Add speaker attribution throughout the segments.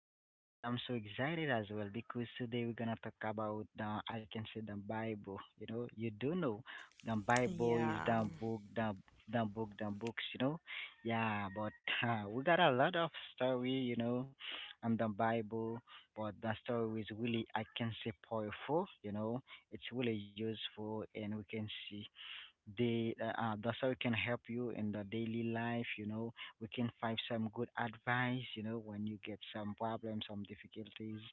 Speaker 1: good, and then I'm so excited as well because today we're gonna talk about the I can say the Bible. You know, you do know the Bible is
Speaker 2: Yeah,
Speaker 1: the book, the book, the books. You know, yeah. But we got a lot of story, you know, on the Bible. But the story is really, I can say, powerful. You know, it's really useful, and we can see the sir can help you in the daily life, you know. We can find some good advice, you know, when you get some problems, some difficulties,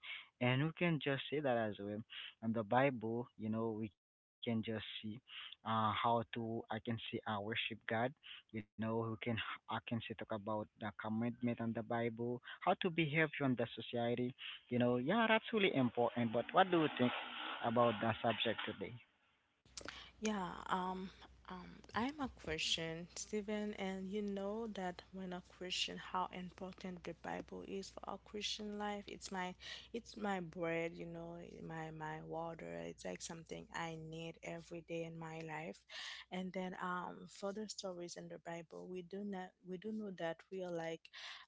Speaker 1: and we can just say that as well. And the Bible, you know, we can just see how to, I can see, worship God. You know, we can, I can say, talk about the commitment on the Bible, how to behave on the society. You know, yeah, that's really important. But what do you think about the subject today?
Speaker 2: yeah. Um, um, I'm a Christian, Stephen, and you know that when a Christian, how important the Bible is for our Christian life. It's my bread, you know, my water. It's like something I need every day in my life. And then, for the story stories in the Bible, we do not we do know that we are like,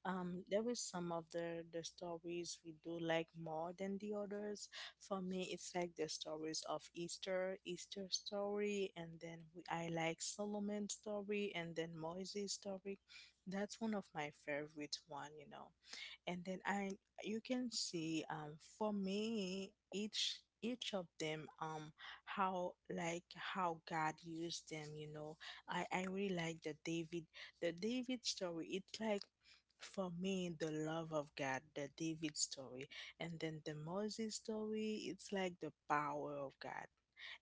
Speaker 2: there is some of the stories we do like more than the others. For me, it's like the stories of Easter, Easter story, and then I like Solomon's story and then Moses story. That's one of my favorite one, you know, and then I you can see, for me each of them, how like how God used them, you know. I really like the David, the David story. It's like for me the love of God, the David story, and then the Moses story. It's like the power of God.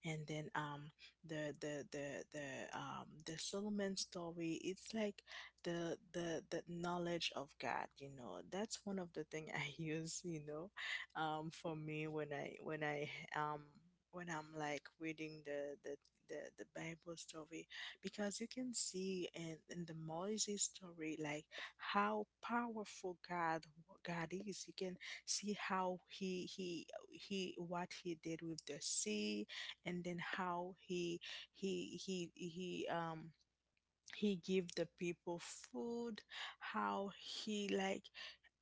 Speaker 2: And then, the the the the the Solomon story, it's like the knowledge of God, you know. That's one of the thing I use, you know, for me when I when I um when I'm like reading the Bible story. Because you can see in the Moses story like how powerful God is. You can see how he what he did with the sea, and then how he he he um he give the people food, how he like,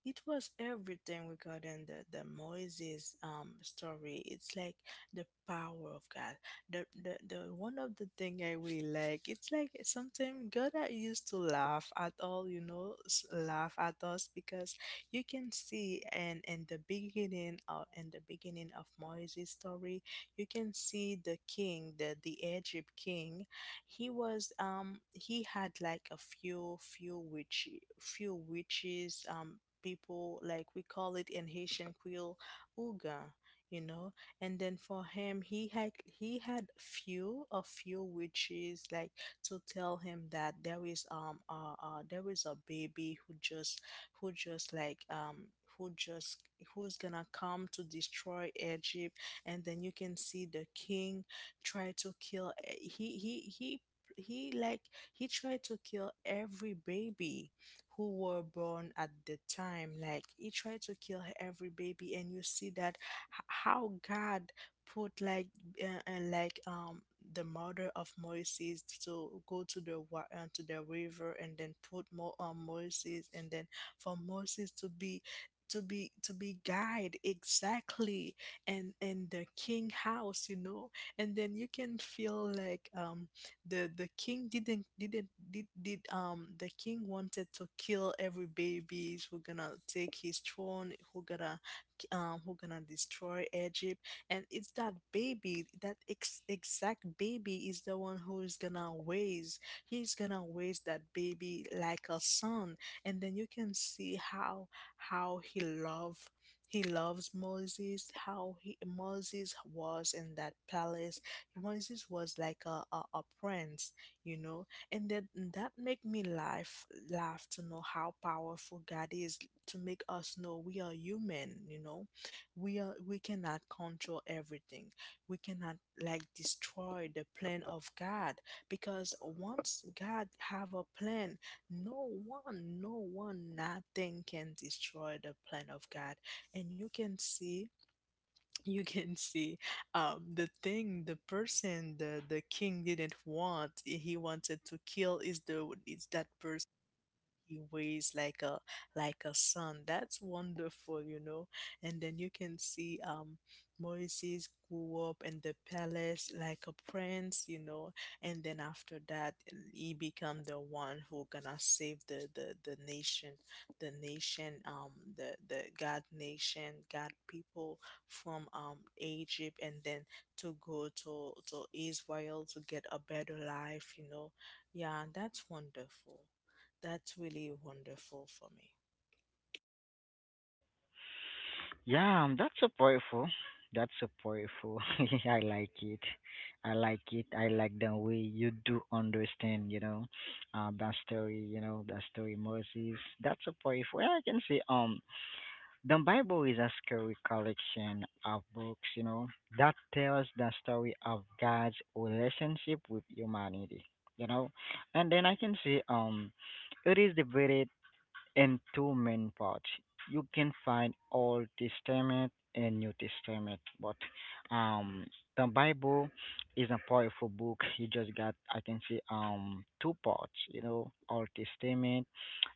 Speaker 2: it was everything regarding the Moses story. It's like the power of God. The one of the thing I really like, it's like sometimes God that used to laugh at all, you know, laugh at us. Because you can see and in the beginning or in the beginning of Moses story, you can see the king, the Egypt king. He was, he had like a few few witch few witches, people like we call it in Haitian Creole "ouga," you know. And then for him, he had few a few witches like to tell him that there is, there is a baby who who just like um just who's gonna come to destroy Egypt. And then you can see the king try to kill, he like he tried to kill every baby who were born at the time. Like he tried to kill every baby, and you see that how God put like, uh, uh, like um the mother of Moses to go to the to the river, and then put more on Moses, and then for Moses to be, to be guide exactly, and the king house, you know. And then you can feel like, the king didn't did the king wanted to kill every babies who gonna take his throne, who gonna, who gonna destroy Egypt. And it's that baby, that exact baby, is the one who is gonna raise, he's gonna raise that baby like a son. And then you can see how he love, he loves Moses, how he Moses was in that palace. Moses was like a prince, you know. And that make me laugh to know how powerful God is, to make us know we are human, you know. We cannot control everything. We cannot like destroy the plan of God, because once God have a plan, no one, no one, nothing can destroy the plan of God. And you can see, you can see, the thing, the person, the king didn't want, he wanted to kill, is the is that person he weighs like a, like a son. That's wonderful, you know. And then you can see, Moses grew up in the palace like a prince, you know. And then after that, he become the one who gonna save the nation, the nation, the God nation, God people, from, Egypt, and then to go to Israel to get a better life, you know. Yeah, that's wonderful. That's really wonderful for me.
Speaker 1: Yeah, that's so powerful. That's so powerful. I like it. I like it. I like the way you do understand, you know, that story, you know, that story Moses. That's so powerful. And I can say, the Bible is a scary collection of books, you know, that tells the story of God's relationship with humanity, you know. And then I can say, it is debated in two main parts. You can find Old Testament and New Testament, but um, the Bible is a powerful book. You just got, I can say, um, two parts. You know, Old Testament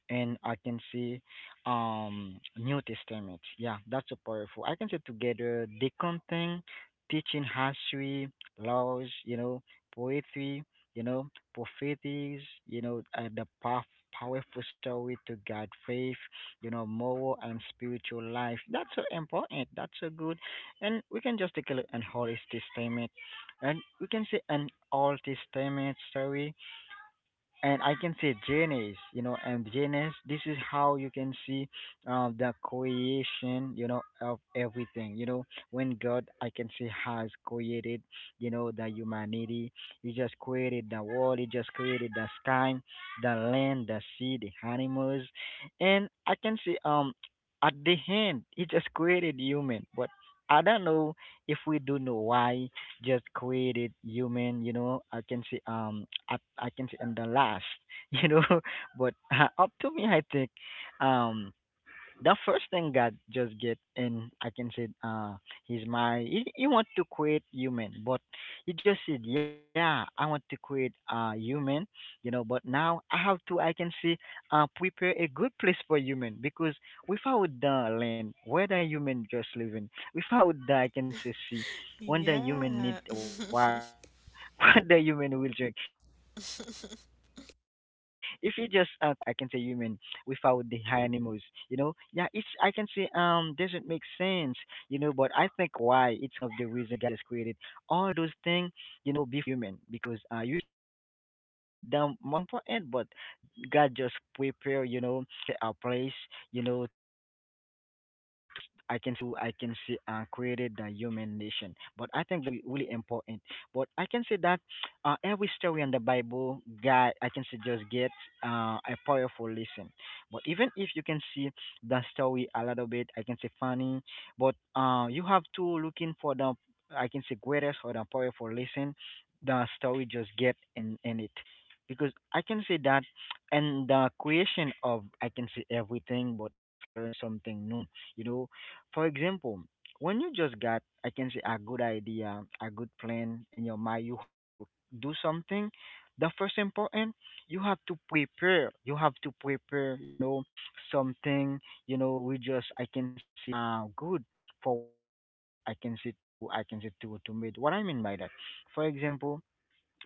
Speaker 1: and, I can see, um, New Testament. Yeah, that's so powerful. I can say together they contain teaching history, laws, you know, poetry, you know, prophecies, you know, the path powerful story to guide faith, you know, moral and spiritual life. That's so important. That's so good. And we can just take a look at Holy Testament and we can see an Old Testament story, and I can say JNAs, you know, and JNAs, this is how you can see, the creation, you know, of everything. You know, when God, I can say, has created, you know, the humanity, He just created the world, He just created the sky, the land, the sea, the animals, and I can say, at the end, He just created human, but I don't know if we do know why just quit it, you. You know, I can see, I can see I'm the last. You know, but up to me, I think. Um, the first thing God just get in, I can say, His mind. He want to create human, but he just said, yeah, I want to create human, you know, but now I have to, I can say, prepare a good place for human, because without the land, where the human just living, without the, I can say, sea, when the
Speaker 2: Yeah.
Speaker 1: human need water, what the human will drink, if you just create, I can say, human without the animals, you know. Yeah, it's, I can say, um, doesn't make sense, you know. But I think why it's one of the reason God just created all those things, you know, before human, because human is the most important, but God just prepare, you know, I can say, a place, you know, to, I can say, created the human nation. But I think that's really important. But I can say that every story in the Bible, God, I can say, just get a powerful lesson. But even if you can see the story a little bit, I can say, funny, but you have to looking for the, I can say, greatest or the powerful lesson the story just get in it, because I can say that, and the creation of, I can say, everything, but I just learned something new. You know, for example, when you just got, I can say, a good idea, a good plan in your mind, you have to do something. The first important, you have to prepare. You have to prepare. You know, something. You know, we just, I can say, uh, good for what you want. I can say to, I can say, to meet. What I mean by that, for example,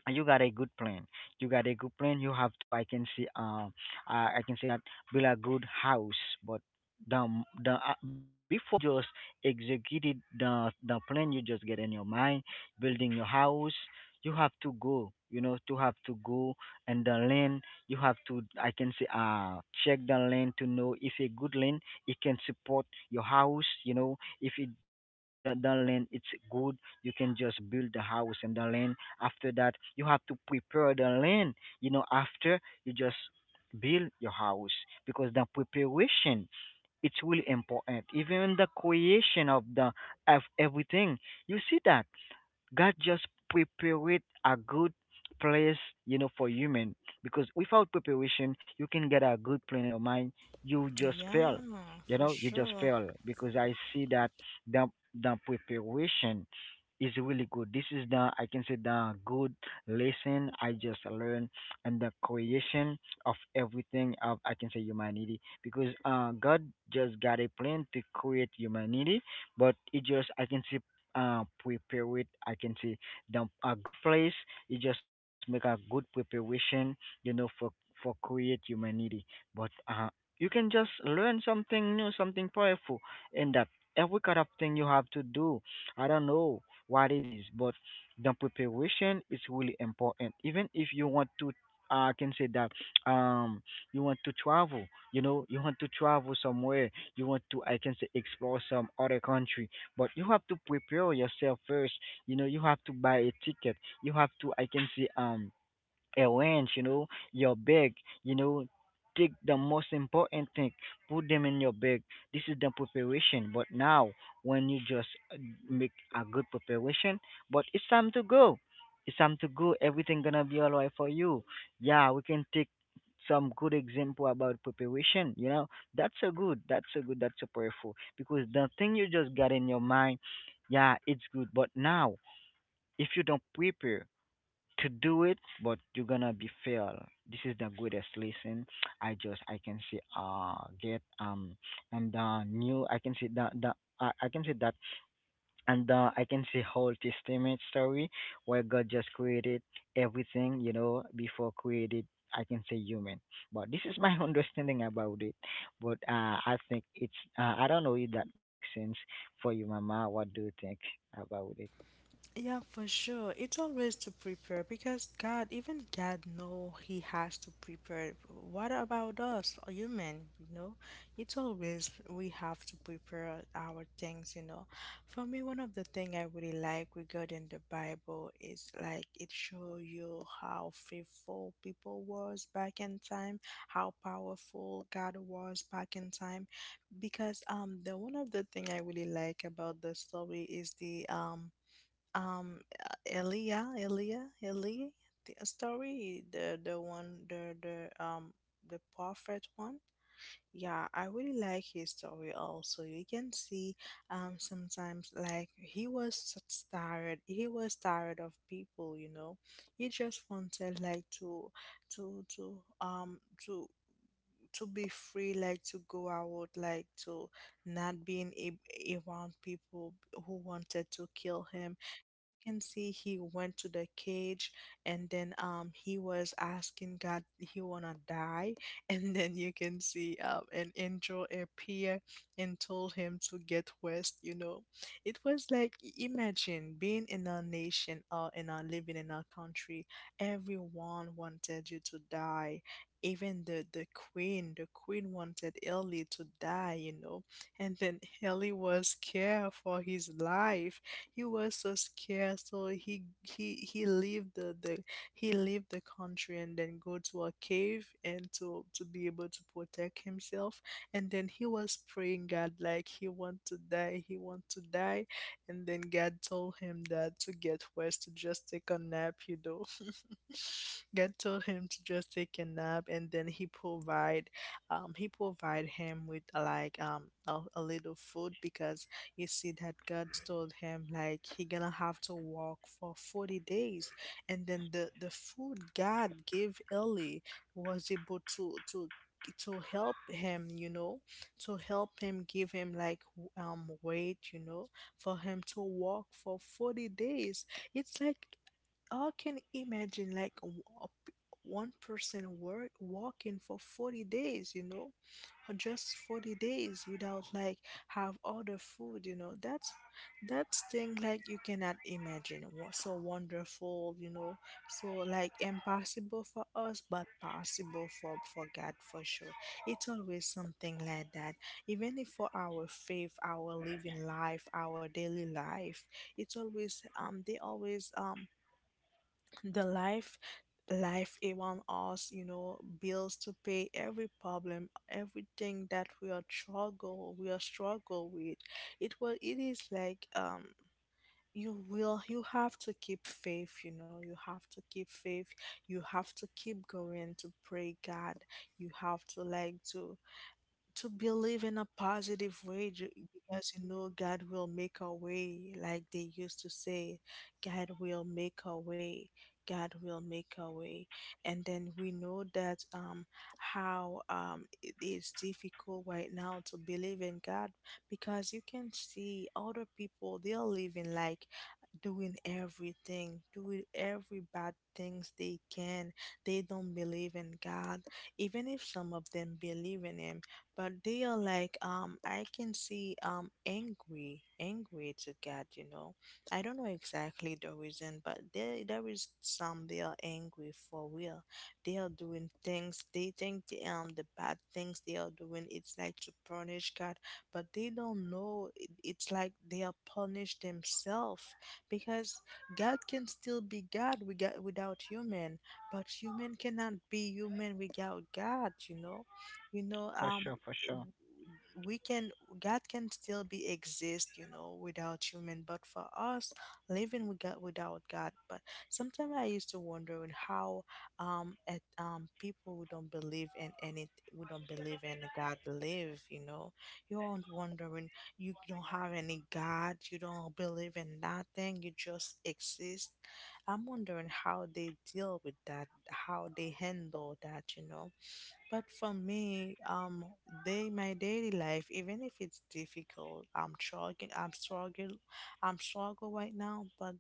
Speaker 1: and you got a good plan. You got a good plan. You have to, I can see, um, I can say that build a good house, but the the before you just executed the plan you just get in your mind, building your house, you have to go. You know, to have to go, and the land, you have to, I can say, check the land to know if a good land, it can support your house. You know, if it, the land, it's good, you can just build the house, and the land, after that, you have to prepare the land. You know, after you just build your house, because the preparation, it's really important, even the creation of the of everything. You see that God just prepared a good place, you know, for human. Because without preparation, you can get a good plan in your mind. You just fail.
Speaker 2: Yeah,
Speaker 1: You
Speaker 2: for
Speaker 1: know, you just
Speaker 2: sure.
Speaker 1: fail. Because I see that the the preparation is really good. This is the, I can say, the good lesson I just learned, and the creation of everything, of, I can say, humanity, because God just got a plan to create humanity, but it just, I can say, prepare it, I can see, the a good place. You just make a good preparation, you know, for create humanity, but you can just learn something new, something powerful, in that every kind of thing you have to do. I don't know what it is, but the preparation is really important, even if you want to, I can say that, um, you want to travel. You know, you want to travel somewhere, you want to, I can say, explore some other country, but you have to prepare yourself first. You know, you have to buy a ticket. You have to, I can see, um, a wrench, you know, your bag, you know, take the most important thing, put them in your bag. This is the preparation. But now, when you just make a good preparation, but it's time to go. It's time to go. Everything gonna be alright for you. Yeah, we can take some good example about preparation. You know, that's a good. That's a good. That's a powerful, because the thing you just got in your mind, yeah, it's good. But now, if you don't prepare to do it, but you're gonna be fail. This is the greatest lesson. I can see, get, um, and, new, I can see that the I can see that, and, I can see whole testament story where God just created everything, you know, before created, I can say, human. But this is my understanding about it, but I think it's, I don't know if that makes sense for you, mama. What do you think about it?
Speaker 2: Yeah, for sure. It's always to prepare because God, even God know he has to prepare. What about us, a human, you know? It's always we have to prepare our things, you know. For me, one of the thing I really like regarding the Bible is like it show you how faithful people was back in time, how powerful God was back in time. Because the one of the thing I really like about the story is the, um Elia, the story, the prophet one. Yeah, I really like his story also. You can see, sometimes like he was tired of people, you know. He just wanted like to to um to to be free, like to go out, like to not being around people who wanted to kill him. Can see he went to the cage, and then, he was asking God he wanna die. And then you can see an angel appear and told him to get west, you know. It was like, imagine being in a nation, or in a living in a country everyone wanted you to die. Even the queen wanted Ellie to die, you know. And then Ellie was scared for his life. He was so scared, so he leave the he leave the country and then go to a cave and to be able to protect himself. And then he was praying God like he want to die, he want to die. And then God told him that to get rest, to just take a nap, you know. God told him to just take a nap, and then he provide, he provide him with like a little food. Because you see that God told him like he gonna have to walk for 40 days. And then the food God gave Eli was able to help him, you know, to help him, give him like, weight, you know, for him to walk for 40 days. It's like, I can imagine like, one person work walking for 40 days, you know, or just 40 days without like have other food, you know. That's thing like you cannot imagine. So wonderful, you know. So like impossible for us, but possible for God for sure. It's always something like that. Even if for our faith, our living life, our daily life, it's always, um they always um the life it around us, you know. Bills to pay, every problem, everything that we are struggle with. It is like, you have to keep faith, you know. You have to keep faith, you have to keep going to pray God. You have to like to believe in a positive way, because you know God will make a way. Like they used to say, God will make a way, God will make a way. And then we know that, how it is difficult right now to believe in God, because you can see other people, they are living like doing everything, doing every bad things they can. They don't believe in God. Even if some of them believe in him, but they are like, I can see angry to God, you know. I don't know exactly the reason, but there is some, they are angry for real. They are doing things, they think the bad things they are doing, it's like to punish God. But they don't know, it's like they are punished themselves. Because God can still be God without, without human. But human cannot be human without God, you know. You know
Speaker 1: For sure, for sure.
Speaker 2: we can God can still be exist, you know, without human. But for us, living with God, without God. But sometimes I used to wonder on how, at people who don't believe in any, who don't believe in God live. You know, you're not wondering, you don't have any God, you don't believe in nothing, you just exist. I'm wondering how they deal with that, how they handle that, you know. But for me, day my daily life, even if it's difficult, I'm struggling. I'm struggle right now. But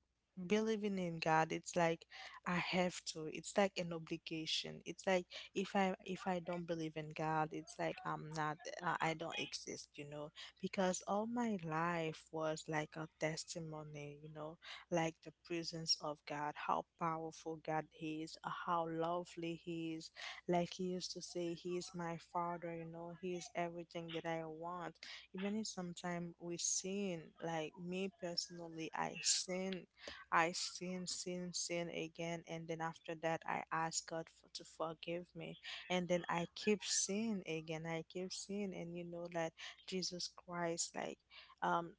Speaker 2: believing in God, it's like I have to. It's like an obligation. It's like if I don't believe in God, it's like I'm not. I don't exist. Because all my life was like a testimony. Like the presence of God, how powerful God is, how lovely He is, like he used to say, he is my father, you know, he is everything that I want. Even if sometimes we sin, like me personally, I sin, I sin again, and then after that, I ask God for, to forgive me, and then I keep sin again, I keep sin, and you know that Jesus Christ, like, um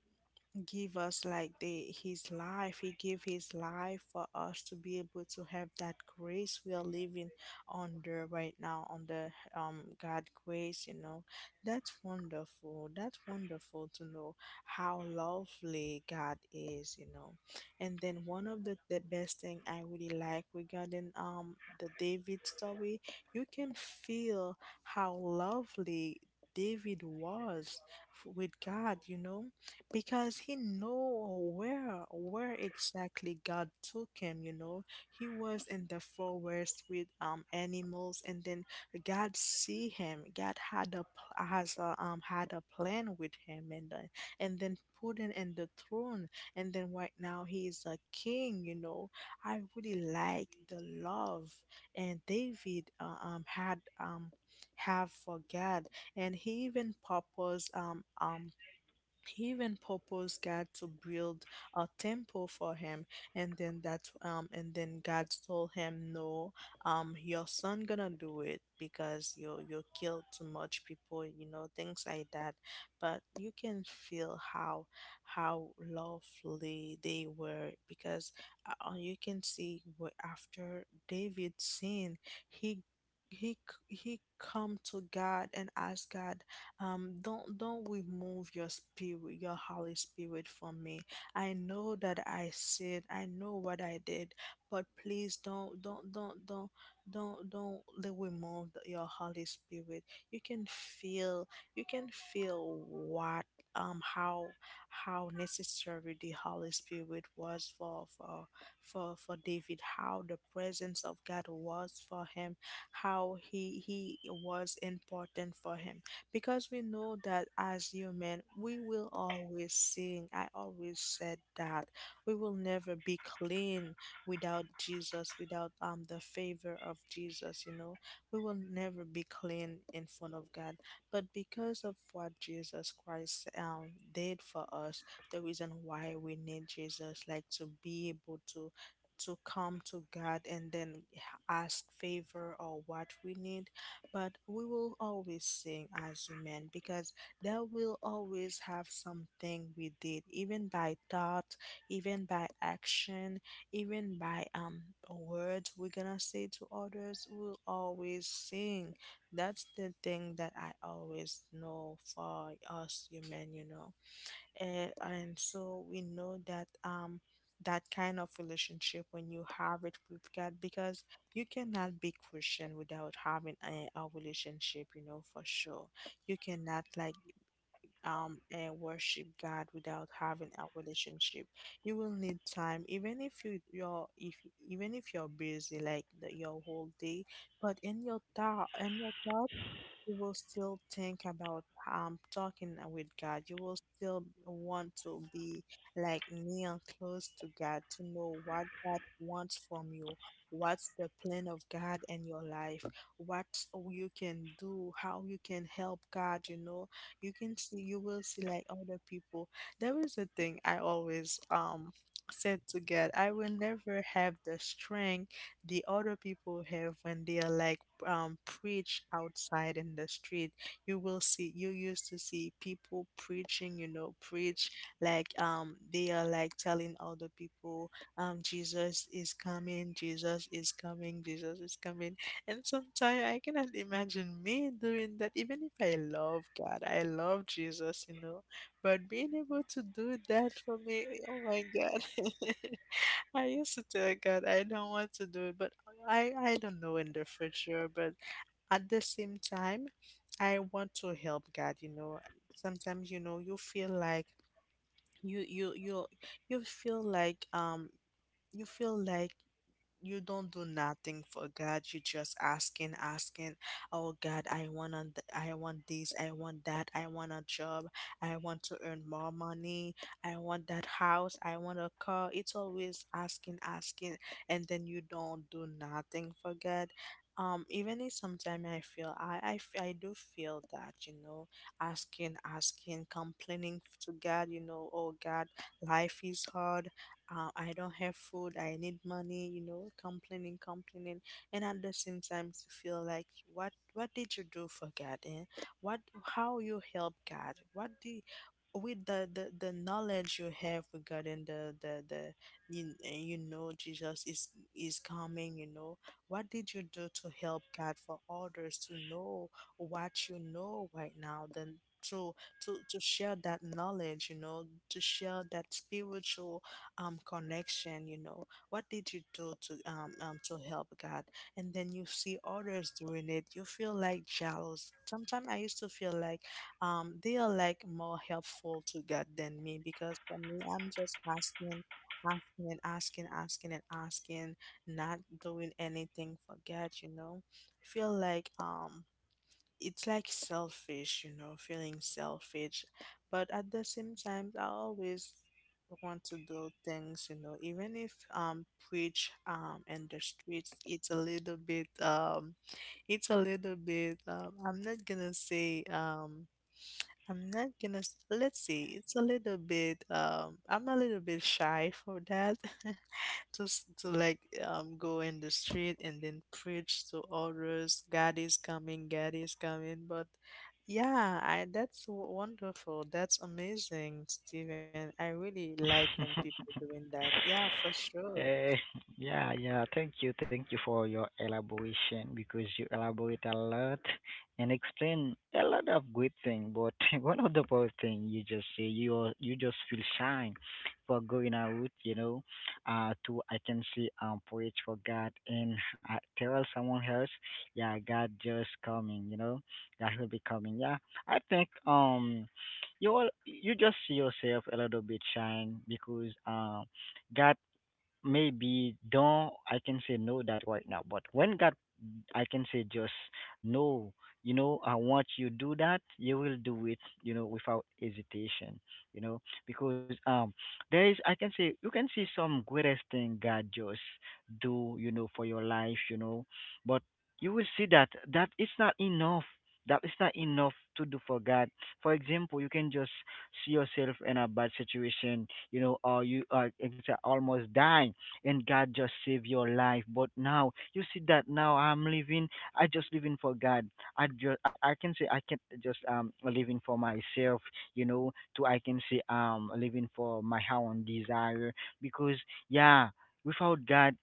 Speaker 2: give us like the his life. He gave his life for us to be able to have that grace. We are living under right now, under God grace, you know. That's wonderful. That's wonderful to know how lovely God is, you know. And then one of the, best thing I really like regarding the David story, you can feel how lovely David was with God, you know, because he know where exactly God took him, you know. He was in the forest with animals, and then God see him. God had a pl- has a, had a plan with him, and then put him in the throne, and then right now he is a king, you know. I really like the love and David had have for God. And he even proposed God to build a temple for him, and then God told him, "No, your son gonna do it because you killed too much people, you know, things like that." But you can feel how lovely they were, because you can see after David sinned, he he come to God and ask God, Don't remove your spirit, your holy spirit from me. I know that I said, I know what I did, but please, don't remove your holy spirit." You can feel, you can feel what um how how necessary the holy spirit was for David, how the presence of God was for him, how he was important for him. Because we know that as human, we will always sing. I always said that we will never be clean without Jesus, without the favor of Jesus, you know. We will never be clean in front of God. But because of what Jesus Christ did for us, the reason why we need Jesus, like to be able to come to God and then ask favor or what we need. But we will always sing as human, because there will always have something we did, even by thought, even by action, even by words we're gonna say to others. We'll always sing. That's the thing that I always know for us human, you know. And so we know that that kind of relationship, when you have it with God, because you cannot be Christian without having a relationship, you know for sure. You cannot like and worship God without having a relationship. You will need time, even if you you're if even if you're busy like the, your whole day, but in your thought, in your thought, you will still think about talking with God. You will still want to be like near, close to God, to know what God wants from you. What's the plan of God in your life? What you can do, how you can help God, you know. You can see, you will see like other people. There is a thing I always said to God, I will never have the strength the other people have when they are like preach outside in the street. You will see, you used to see people preaching, you know, preach like they are like telling other people Jesus is coming, Jesus is coming, Jesus is coming. And sometimes I cannot imagine me doing that, even if I love God, I love Jesus, you know. But being able to do that for me, oh my God. I used to tell God I don't want to do it, but I don't know in the future. But at the same time, I want to help God, you know. Sometimes, you know, you feel like you you you you feel like you feel like you don't do nothing for God. You just asking, asking, oh God, I want I want this, I want that, I want a job, I want to earn more money, I want that house, I want a car. It's always asking, asking, and then you don't do nothing for God. Even if sometimes I feel I do feel that, you know, asking, asking, complaining to God, you know, oh God, life is hard. I don't have food, I need money, you know, complaining, complaining, and at the same time to feel like what did you do for God? And what, how you help God? What do with the, knowledge you have regarding the you, you know Jesus is coming, you know, what did you do to help God for others to know what you know right now? Then to share that knowledge, you know, to share that spiritual connection, you know, what did you do to help God? And then you see others doing it, you feel like jealous. Sometimes I used to feel like they are like more helpful to God than me, because for me I'm just asking, asking and asking asking and asking, not doing anything for God, you know. I feel like it's like selfish, you know, feeling selfish. But at the same time, I always want to do things, you know, even if preach in the streets, it's a little bit it's a little bit I'm not gonna say I'm not gonna s- let's see, it's a little bit I'm a little bit shy for that. Just to like go in the street and then preach to others, God is coming, God is coming. But yeah, I that's wonderful, that's amazing, Steven. I really like when people doing that. Yeah, for sure.
Speaker 1: Uh, yeah, yeah. Thank you for your elaboration, because you elaborate a lot and explain a lot of good thing. But one of the poor thing you just say, you you just feel shy for going out, you know, to, I can see, um, preach for God, and I tell someone else, yeah, God just coming, you know, God will be coming. Yeah, I think, um, you just see yourself a little bit shine, because, um, Got maybe don't, I can say, no that right now, but when God, I can say, just no, you know, I want you do that, you will do it, you know, without hesitation, you know. Because, um, there is, I can say, you can see some greatest thing God just do, you know, for your life, you know. But you will see that that it's not enough, that is not enough to do for God. For example, you can just see yourself in a bad situation, you know, or you, are, you can say, almost dying, and God just save your life. But now you see that, now I'm living. I just living for God. I can say I can't just, um, living for myself. You know, to, I can say, um, living for my own desire, because, yeah, without God.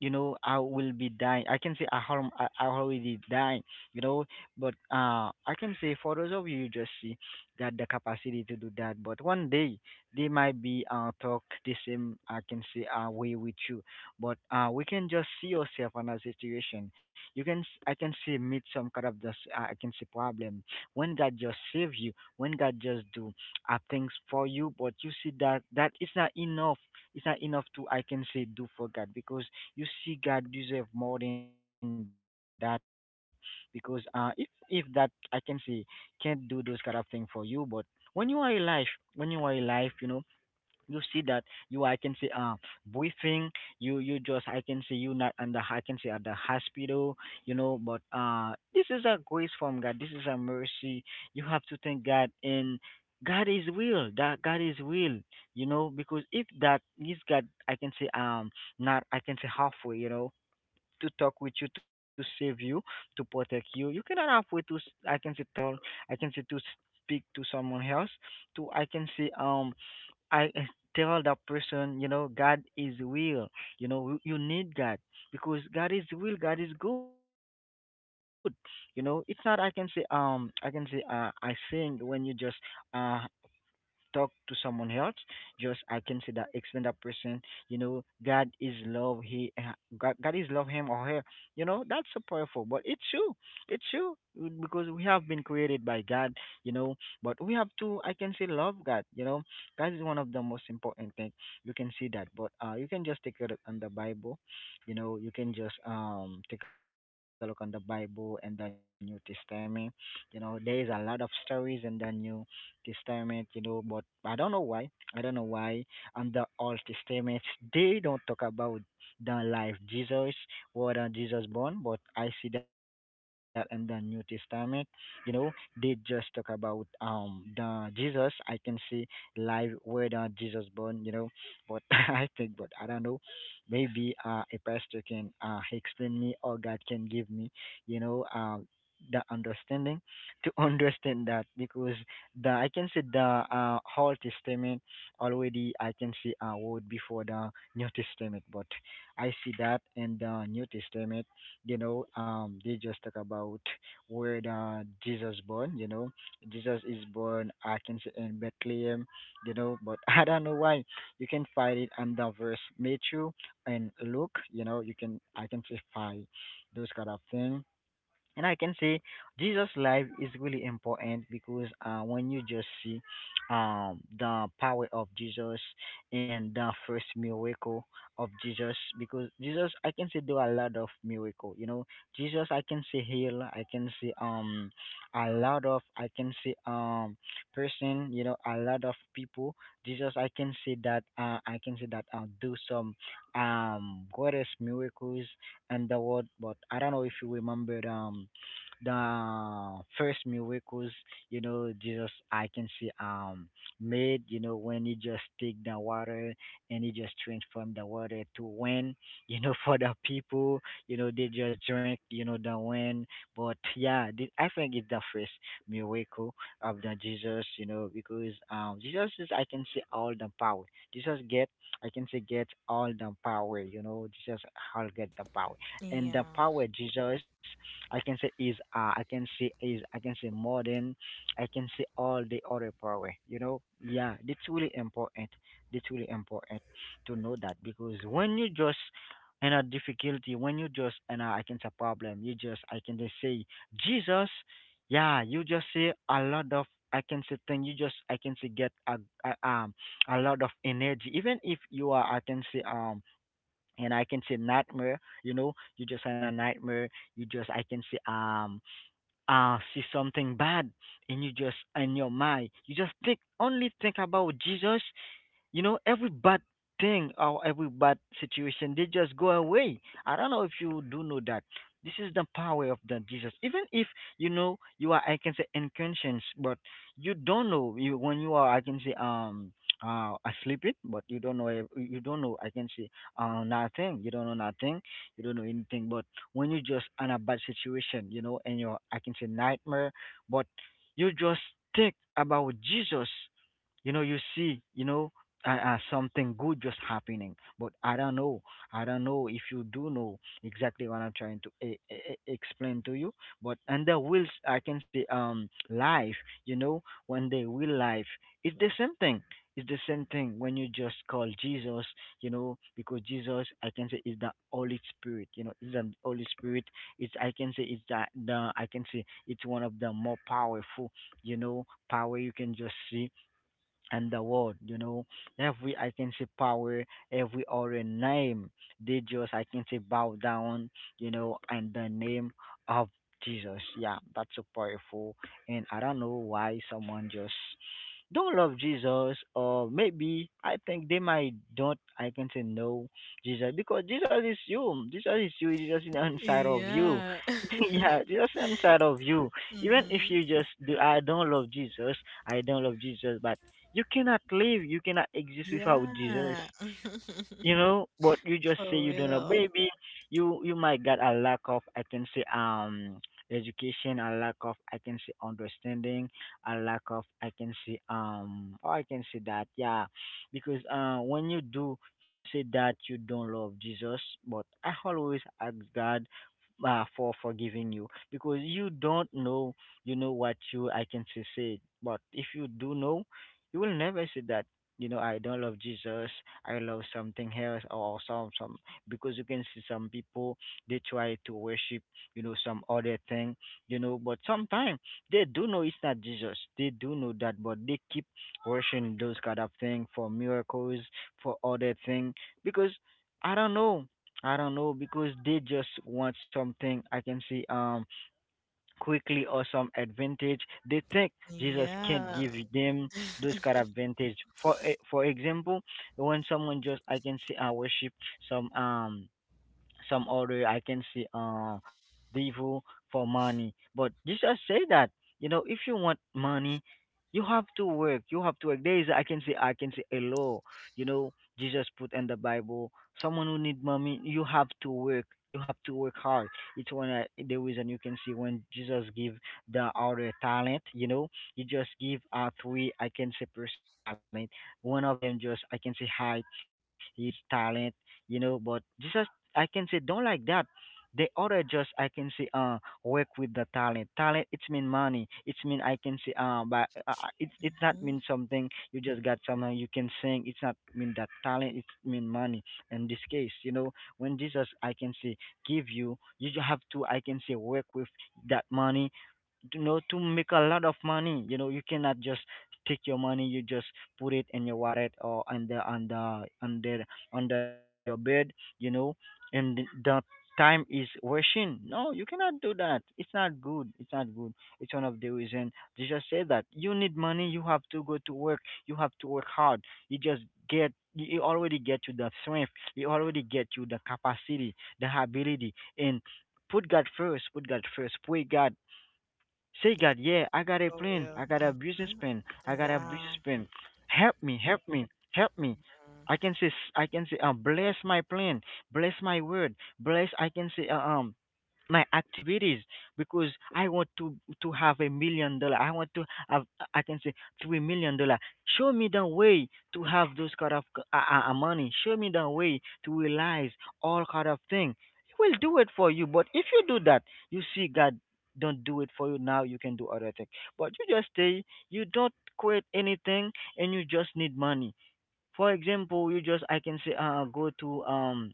Speaker 1: I will be dying. I can say I harm. I already dying. You know, but I can say for those of you just see that the capacity to do that. But one day they might be talk the same I can say way with you. But we can just see yourself in a situation. I can see meet some kind of just I can see problem. When God just save you, when God just do things for you, but you see that it's not enough. It's not enough to I can say do for God, because you see God deserve more than that, because if that I can say can't do those kind of thing for you. But when you are alive, you know, you see that you I can see briefing, you just I can see you not under I can see at the hospital, you know, but this is a grace from God. This is a mercy. You have to thank God. And God is real, that God is real, you know, because if that is God, I can say, not, I can say, halfway, you know, to talk with you, to save you, to protect you. You cannot halfway I can say tell, I can say, to speak to someone else, to I can say, I tell that person, you know, God is will. You need God, because God is will. God is good. It's not, I can say, I can say, I sing when you just, uh, talk to someone else, just I can say that explain that person, you know, God is love. He, God, God is love him or her. You know, that's so powerful. But it's true. It's true, because we have been created by God. You know, but we have to I can say love God. You know, God is one of the most important thing. You can see that. But you can just take a look on the Bible. You know, you can just take a look on the Bible and the New Testament. You know, there is a lot of stories in the new this time, you know, but I don't know why, i don't know why on the Old Testament they don't talk about the life Jesus, what Jesus born, but I see that in the New Testament. You know, they just talk about the Jesus I can see life where the Jesus born, you know, but I think, but I don't know. Maybe a pastor can explain me, or God can give me, you know, the understanding to understand that. Because the I can see the, Old Testament already I can see a word before the New Testament, but I see that in the New Testament, you know, they just talk about where the Jesus born, you know, Jesus is born I can see in Bethlehem, you know, but I don't know why. You can find it under verse Matthew and Luke, you know, you can I can see find those kind of thing. And I can say Jesus' life is really important, because when you just see the power of Jesus and the first miracle of Jesus, because Jesus, I can say, do a lot of miracle. You know, Jesus, I can say, heal, I can see, a lot of, I can see, person. You know, a lot of people. Jesus, I can say that, I can say that, do some greatest miracles. And the what, but I don't know if you remembered the first miracles, you know, Jesus, I can see, made, you know, when he just take the water and he just transformed the water to wine, you know, for the people, you know, they just drink, you know, the wine. But yeah, I think it's the first miracle of the Jesus, you know, because Jesus is, I can see, all the power. Jesus get, I can say, get all the power, you know, Jesus all get the power. And
Speaker 2: Yeah.
Speaker 1: the power Jesus, I can say, is, I can say is, I can say, more than, I can say, all the other power. You know, yeah, that's really important. That's really important to know that, because when you just in a difficulty, when you just in a, I can say, problem, you just, I can just say, Jesus. Yeah, you just say a lot of, I can say, thing. You just, I can say, get a, a um a lot of energy. Even if you are, I can say, and, I can say, nightmare. You know, you just had a nightmare. You just, I can say, see something bad, and you just in your mind you just think, only think about Jesus. You know, every bad thing or every bad situation, they just go away. I don't know if you do know that. This is the power of the Jesus, even if, you know, you are, I can say, unconscious, but you don't know you when you are, I can say, asleep, it, but you don't know, you don't know, I can say, nothing. You don't know nothing. You don't know anything. But when you just in a bad situation, you know, and you're, I can say, nightmare, but you just think about Jesus, you know, you see, you know, something good just happening. But I don't know, if you do know exactly what I'm trying to explain to you. But under wills, I can say, life, you know, when they will life, it's the same thing. It's the same thing when you just call Jesus, you know, because Jesus, I can say, is the Holy Spirit. You know, is the Holy Spirit. It's, I can say, it's the, I can say, it's one of the more powerful, you know, power you can just see. And the world, you know, every, I can say, power, every other name, they just, I can say, bow down, you know, in the name of Jesus. Yeah, that's so powerful. And I don't know why someone just don't love Jesus, or maybe I think they might don't, I can say, no, Jesus, because Jesus is you. Jesus is you. Jesus is inside of you.
Speaker 2: Yeah.
Speaker 1: Yeah, Jesus is inside of you. Even if
Speaker 2: hmm.
Speaker 1: you just do, I don't love Jesus. I don't love Jesus, but you cannot live. You cannot exist without Jesus.
Speaker 2: Yeah.
Speaker 1: But you just say
Speaker 2: for
Speaker 1: you don't know,
Speaker 2: real.
Speaker 1: baby. You might got a lack of, I can say, education, a lack of, I can say, understanding, a lack of, I can say, or, I can say that, yeah. Because when you do you say that you don't love Jesus, but I always ask God, for forgiving you, because you don't know, you know, what you, I can say, said. But if you do know, you will never say that, you know, I don't love Jesus, I love something else or some. Because you can see some people, they try to worship, you know, some other thing, you know, but sometimes they do know it's not Jesus. They do know that, but they keep worshiping those kind of thing for miracles, for other thing. Because I don't know, because they just want something, I can say, quickly, or some advantage. They think Jesus can't
Speaker 2: Yeah.
Speaker 1: give them those kind of advantage. For example, when someone just, I can say, I worship some um some other, I can say, devil for money. But Jesus say that, you know, if you want money, you have to work. There is, I can see, a law, you know, Jesus put in the Bible. Someone who need money, you have to work. You have to work hard. It's one, the reason you can see, when Jesus give the other talent, you know, he just give three I can say person talent. One of them just, I can say, hide his talent, you know, but Jesus, I can say, don't like that. The other just, I can say, work with the talent. Talent it's mean money. It's mean, I can say. But it's not
Speaker 2: Hmm.
Speaker 1: mean something. You just got something you can sing. It's not mean that talent. It's mean money. In this case, you know, when Jesus I can say give you, have to I can say work with that money to know to make a lot of money, you know, you cannot just take your money, you just put it in your wallet or under your bed, you know, and the time is rushing. No, you cannot do that, it's not good, it's not good. It's one of the reason Jesus said that you need money, you have to go to work, you have to work hard. You just get you already get you the strength, you already get you the capacity, the ability, and put God first, pray God, say God, yeah, I got a
Speaker 2: For
Speaker 1: plan.
Speaker 2: real.
Speaker 1: I got a business
Speaker 2: Hmm.
Speaker 1: plan. I got a
Speaker 2: Yeah.
Speaker 1: business plan. Help me, help me, help me. I can say I can say bless my plan, bless my word, bless I can say my activities, because I want to have $1 million. I want to have I can say $3 million. Show me the way to have those kind of money. Show me the way to realize all kind of thing. He will do it for you. But if you do that, you see God don't do it for you now. You can do other things. But you just stay. You don't create anything, and you just need money. For example, you just I can say go to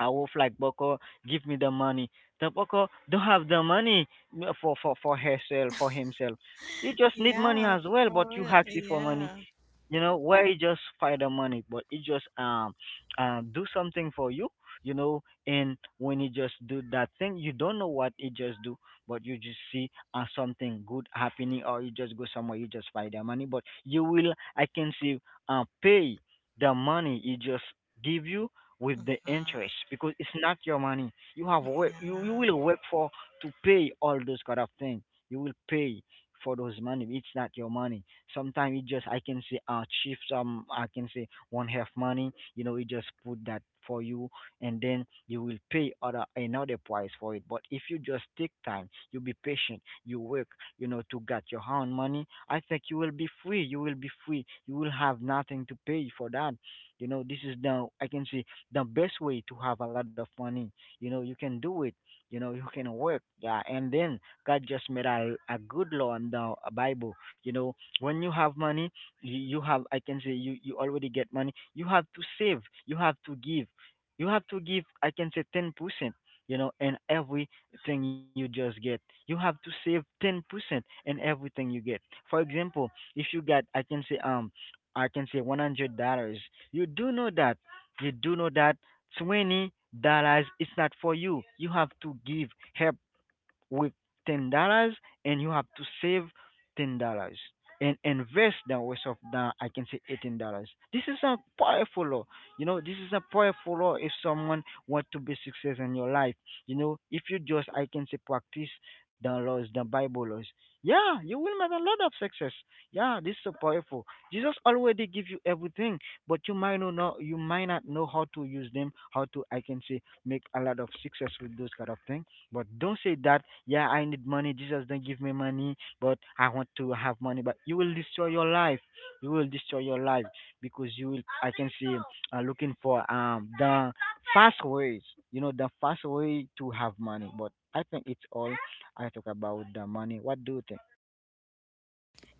Speaker 1: I was like, Boko, give me the money. The Boko don't have the money for herself, for himself. You just need money
Speaker 2: Yeah,
Speaker 1: as well, but
Speaker 2: for
Speaker 1: you
Speaker 2: real.
Speaker 1: ask it for money.
Speaker 2: Yeah.
Speaker 1: You know where you just find the money, but it just do something for you. You know, and when you just do that thing, you don't know what it just do, but you just see something good happening, or you just go somewhere, you just find the money, but you will I can see pay the money. It just give you with the
Speaker 2: Mhm.
Speaker 1: interest, because it's not your money, you have work, you
Speaker 2: Yeah.
Speaker 1: will work for to pay all those kind of thing. You will pay for those money, it's not your money. Sometimes it just I can say chief some I can say one half money, you know, it just put that for you, and then you will pay other another price for it. But if you just take time, you be patient, you work, you know, to get your own money, I think you will be free. You will be free. You will have nothing to pay for that. You know, this is the I can say the best way to have a lot of money. You know, you can do it. You know, you can work. Yeah, and then God just made a good law in the Bible. You know, when you have money, you have I can say you already get money, you have to save, you have to give, you have to give I can say 10%, you know, and everything you just get, you have to save 10% in everything you get. For example, if you got I can say I can say $100, you do know that, you do know that $20 is not for you, you have to give, help with $10, and you have to save $10, and invest the rest of the I can say $18. This is a powerful law. You know, this is a powerful law if someone want to be successful in your life. You know, if you just I can say practice the laws, the Bible laws. Yeah, you will make a lot of success. Yeah, this is so powerful. Jesus already give you everything, but you might not know, you might not know how to use them, how to I can say make a lot of success with those kind of things. But don't say that, yeah, I need money, Jesus don't give me money, but I want to have money. But you will destroy your life. You will destroy your life because you will. I can see looking for the fast ways. You know the fast way to have money. But I think it's all I talk about the money. What do you think?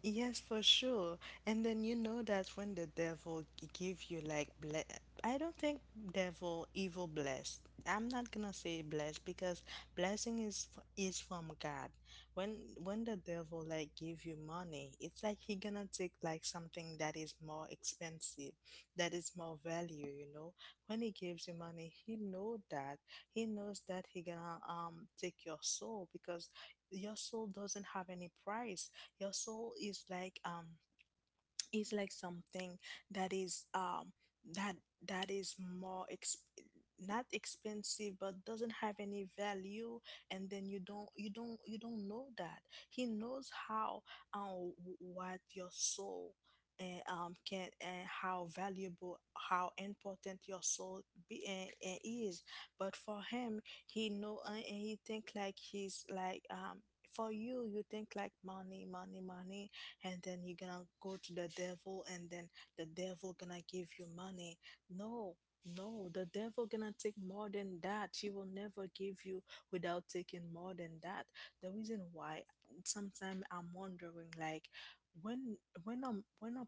Speaker 2: Yes, for sure. And then you know that when the devil give you like I don't think devil evil blessed. I'm not gonna say blessed because blessing is is from God. When the devil like give you money, it's like he gonna take like something that is more expensive, that is more value. You know, when he gives you money, he know that, he knows that he gonna take your soul, because your soul doesn't have any price. Your soul is like something that is that that is not expensive, but doesn't have any value. And then you don't, you don't know that. He knows how um what your soul and can, and how valuable, how important your soul be and is. But for him, he know, and he think like he's like, for you, you think like money, money, money, and then you're gonna go to the devil, and then the devil gonna give you money. No, no, the devil gonna take more than that. He will never give you without taking more than that. The reason why sometimes I'm wondering like, when I,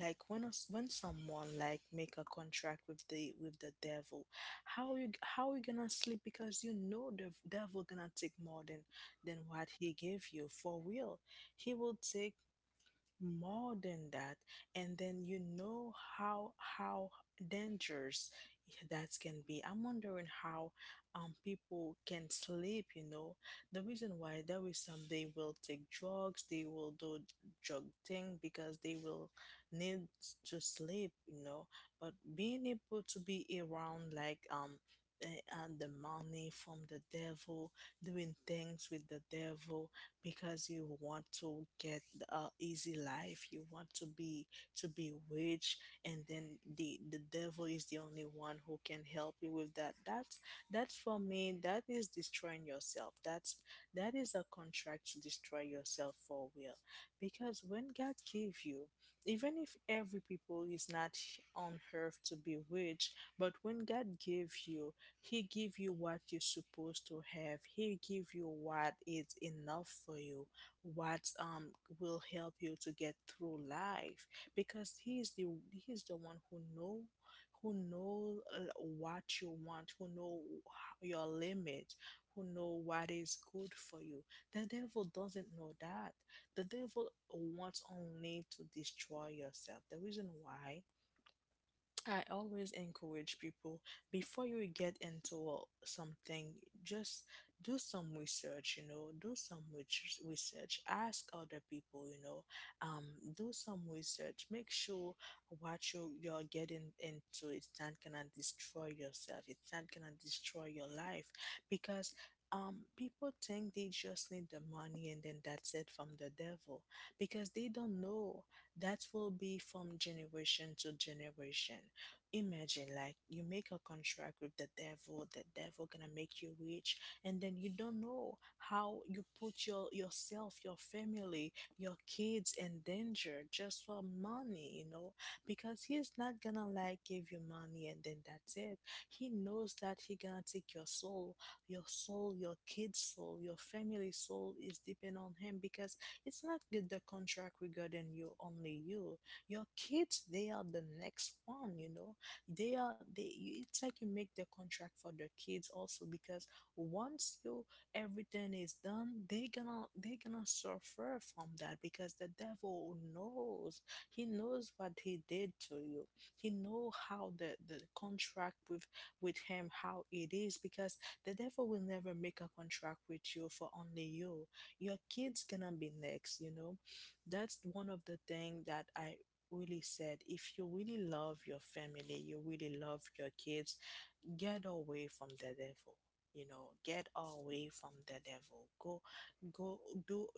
Speaker 2: like when us, when someone like make a contract with the devil, how, you how you gonna sleep? Because you know the devil gonna take more than what he gave you. For real, he will take more than that. And then you know how dangerous that can be. I'm wondering how people can sleep, you know. The reason why there is some, they will take drugs, they will do drug thing, because they will need to sleep, you know. But being able to be around like and the money from the devil, doing things with the devil, because you want to get a easy life, you want to be, to be rich, and then the devil is the only one who can help you with that. That's for me, that is destroying yourself. That's, that is a contract to destroy yourself, for real. Because when God gave you, even if every people is not on earth to be rich, but when God gave you, he give you what you're supposed to have. He give you what is enough for you, what will help you to get through life. Because he is the one who know what you want, who know your limit, who know what is good for you. The devil doesn't know that. The devil wants only to destroy yourself. The reason why I always encourage people before you get into something, just do some research, you know, do some research, ask other people, um, do some research, make sure you're getting into it's not gonna destroy yourself, it's not gonna destroy your life because. People think they just need the money and then that's it from the devil because they don't know that will be from generation to generation. Imagine like you make a contract with the devil gonna make you rich, and then you don't know how you put yourself, your family, your kids in danger just for money, you know? Because he's not gonna like give you money and then that's it. He knows that he gonna take your soul, your soul, your kid's soul, your family's soul is depend on him because it's not good the contract regarding you only you. Your kids they are the next one, you know they are they you- it's like you make the contract for the kids also because once you everything is done they gonna suffer from that because the devil knows he knows what he did to you he know how the contract with him how it is because the devil will never make a contract with you for only you, your kids gonna be next, you know. That's one of the thing that I really said. If you really love your family, you really love your kids, get away from the devil, you know, get away from the devil. Go go do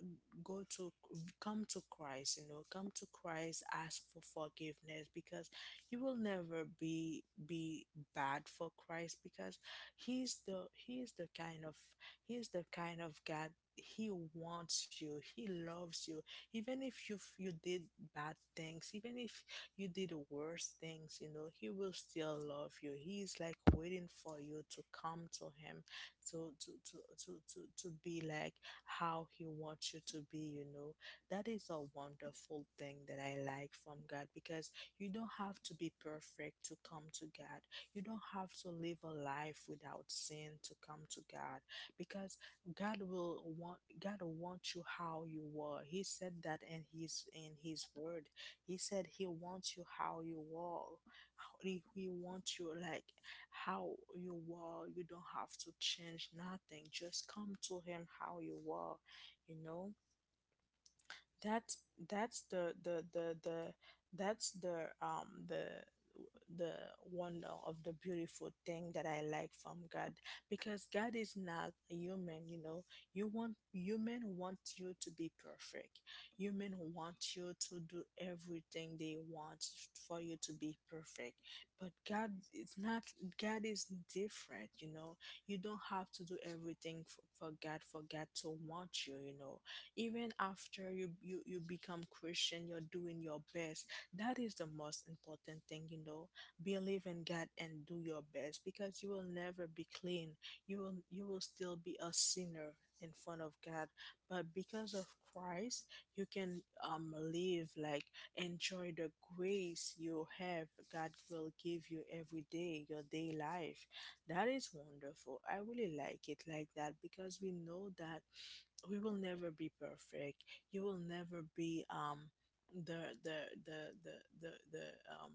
Speaker 2: go to Come to Christ, you know, come to Christ, ask for forgiveness because you will never be bad for Christ because he's the kind of God. He wants you, he loves you, even if you did bad things, even if you did the worst things, you know, he will still love you. He's like waiting for you to come to him, to to to to be like how he wants you to be, you know. That is a wonderful thing that I like from God because you don't have to be perfect to come to God. You don't have to live a life without sin to come to God because God will want you how you were. He said that in his word. He said he wants you how you are. He wants you like how you are. You don't have to change nothing. Just come to him how you are, you know? That's that's the that's the wonder of the beautiful thing that I like from God because God is not a human, you know. You want human want you to be perfect. Human want you to do everything they want for you to be perfect. But God is not God is different, you know. You don't have to do everything for God, to want you, you know. Even after you become Christian, you're doing your best. That is the most important thing, you know. Believe in God and do your best because you will never be clean. You will still be a sinner in front of God, but because of Christ you can live like, enjoy the grace you have. God will give you every day your day life. That is wonderful. I really like it like that because we know that we will never be perfect. You will never be the the the the the the um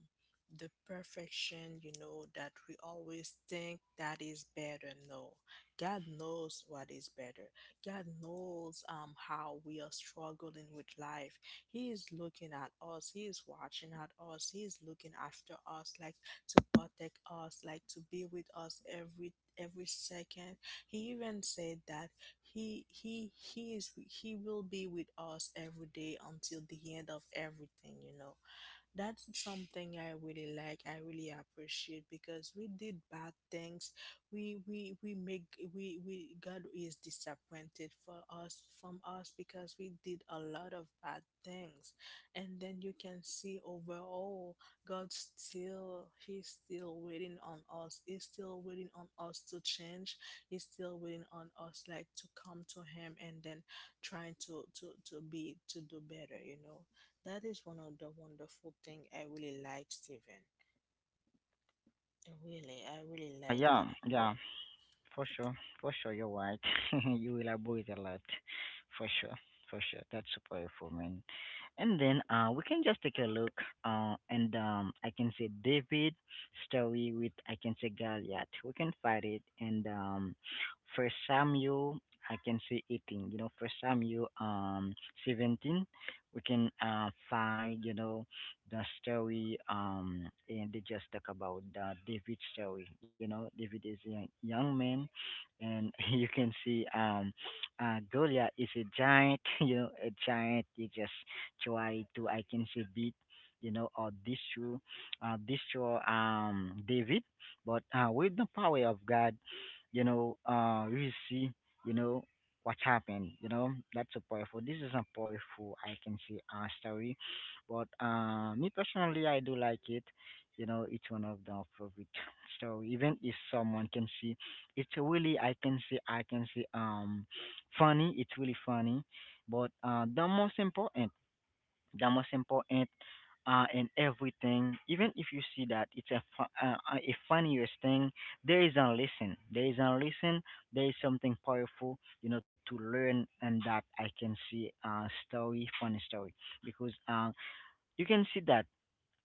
Speaker 2: the perfection, you know, that we always think that is better. No, God knows what is better. God knows how we are struggling with life. He is looking at us, he is watching at us, he is looking after us like to protect us, like to be with us every second. He even said that he will be with us every day until the end of everything, you know. That's something I really like. I really appreciate because we did bad things. We make we God is disappointed for us from us because we did a lot of bad things. And then you can see overall God still he's still waiting on us. He's still waiting on us to change. He's still waiting on us like to come to him and then trying to do better, you know. That is one of the wonderful thing I really like, Steven. Really, I really like
Speaker 1: Yeah,
Speaker 2: that.
Speaker 1: yeah. For sure, for sure, you're right. You will avoid a lot, for sure, for sure. That's super helpful, man. And then we can just take a look, and I can say David story with I can say Goliath. We can find it, and for Samuel, I can say 18. You know, for Samuel, 17, we can find, you know, the story and they just talk about the David story. You know, David is a young man, and you can see Goliath is a giant, you know, a giant, he just try to I can say beat, you know, or destroy David, but with the power of God, you know, we see, you know, what happened. You know, that's a powerful. This is a powerful, I can say, story. But me personally, I do like it. You know, it's one of the favorite. So even if someone can see, it's really I can see funny. It's really funny. But the most important in everything, even if you see that it's a funniest thing, there is a lesson. There is a lesson. There is something powerful. You know, to learn and that I can see story, funny story because. You can see that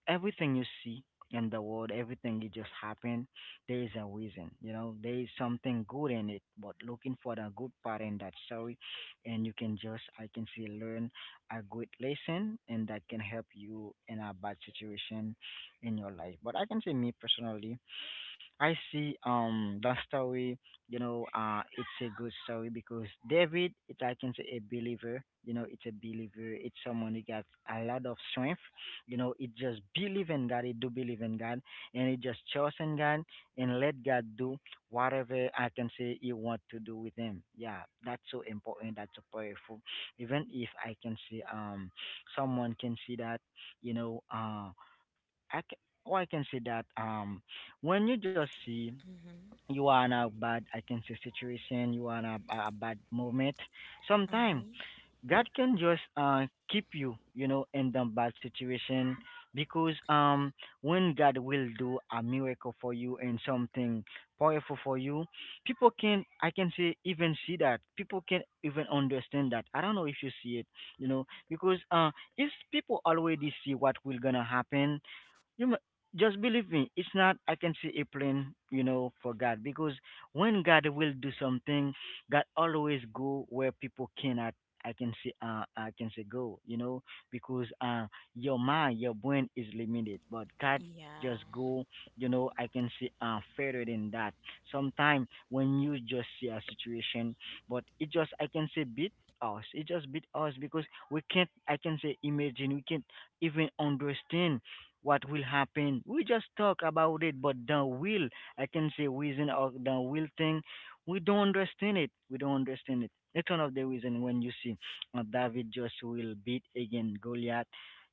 Speaker 1: everything you see in the world, everything that just happened, there is a reason. You know, there is something good in it. But looking for the good part in that story, and you can just, I can see, learn a good lesson, and that can help you in a bad situation in your life. But I can say, me personally, I see that story, you know, it's a good story, because David it's I can say a believer, you know, it's a believer, it's someone who got a lot of strength, you know, it just believe in God, it do believe in God and it just trust in God and let God do whatever I can say he want to do with him. Yeah, that's so important, that's so powerful. Even if I can see someone can see that, you know, I can, or I can say that when you just see
Speaker 2: Mm-hmm.
Speaker 1: you are in a bad I can say situation, you are in a bad moment. Sometimes
Speaker 2: Mm-hmm.
Speaker 1: God can just keep you, you know, in the bad situation, because when God will do a miracle for you and something powerful for you, people can I can say even see that. People can even understand that. I don't know if you see it, you know, because if people already see what will gonna happen, you m- just believe me. It's not I can see a plan, you know, for God because when God will do something, God always go where people cannot. I can see, I can say go, you know, because your mind, your brain is limited, but God
Speaker 2: Yeah.
Speaker 1: just go, you know. I can see further than that. Sometimes when you just see a situation, but it just I can say beat us. It just beat us because we can't. I can say imagine. We can't even understand what will happen. We just talk about it, but the will, I can say reason or the will thing, we don't understand it. We don't understand it. It's one of the reason when you see David just will beat again Goliath.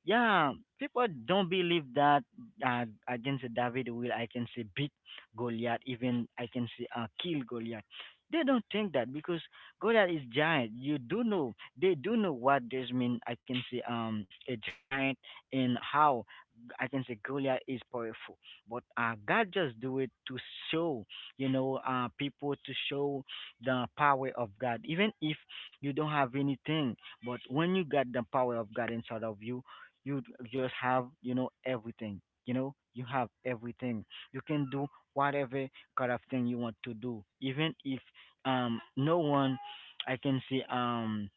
Speaker 1: Yeah, people don't believe that against David will I can say beat Goliath, even I can say kill Goliath. They don't think that because Goliath is giant. You do know, they do know what this mean. I can say a giant and how I can say Goliath is powerful, but God just do it to show, you know, people to show the power of God. Even if you don't have anything, but when you got the power of God inside of you, you just have, you know, everything. You know, you have everything. You can do whatever kind of thing you want to do, even if no one, I can say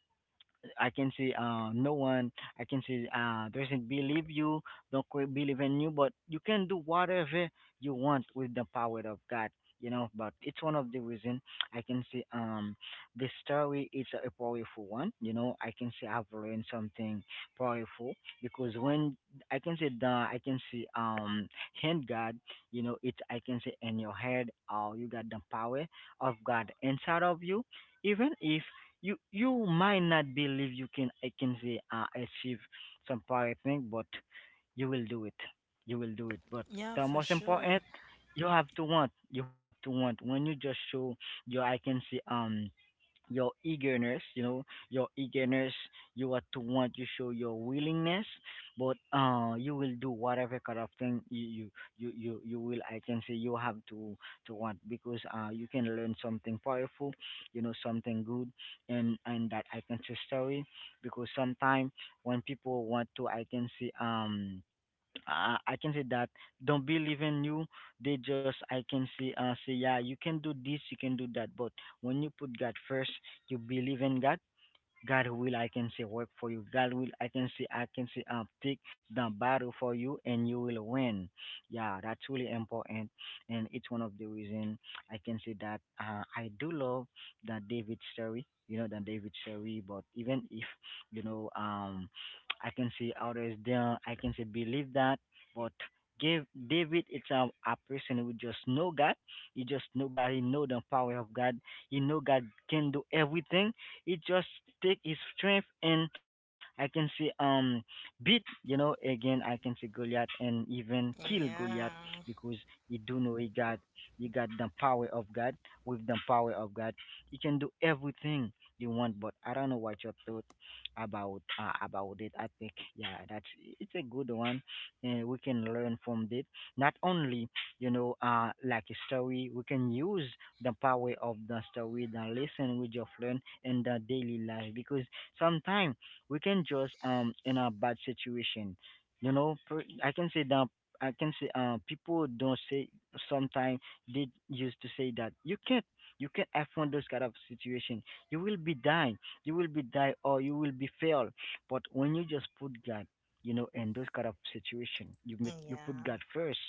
Speaker 1: I can see no one. I can see doesn't believe you, don't quite believe in you, but you can do whatever you want with the power of God. You know, but it's one of the reason I can see the story is a powerful one. You know, I can see I've learned something powerful because when I can see the I can see hand God, you know, it's I can see in your head, oh, you got the power of God inside of you, even if you might not believe you can I can say achieve some pirate thing, but you will do it. You will do it. But
Speaker 2: Yeah,
Speaker 1: the
Speaker 2: for
Speaker 1: most
Speaker 2: sure.
Speaker 1: important, you have to want. You have to want. When you just show your I can say your eagerness, you know, your eagerness you are to want, you show your willingness, but you will do whatever kind of thing you you will, I can say, you have to want because you can learn something powerful, you know, something good. And that I can say story, because sometimes when people want to I can say I can say that don't believe in you. They just I can say say, yeah, you can do this, you can do that. But when you put God first, you believe in God. God will, I can say, work for you. God will, I can say, take the battle for you and you will win. Yeah, that's really important. And it's one of the reason I can say that I do love the David story, you know, the David story. But even if, you know, I can see others there, I can say, believe that. But give David, it's a person who just know God. He just know God. He know the power of God. He know God can do everything. It just take his strength, and I can say beat, you know, again I can say Goliath and even kill
Speaker 2: Yeah.
Speaker 1: Goliath, because he do know he got the power of God. With the power of God, he can do everything you want. But I don't know what your thought about it. I think, yeah, that's it's a good one, and we can learn from it. Not only, you know, like a story, we can use the power of the story, the lesson we just learn in the daily life, because sometimes we can just in a bad situation, you know, I can say that, I can say people don't say, sometimes they used to say that you can't afford those kind of situation, you will be dying, you will be die or you will be fail. But when you just put God, you know, in those kind of situation, you put
Speaker 2: Yeah,
Speaker 1: God first,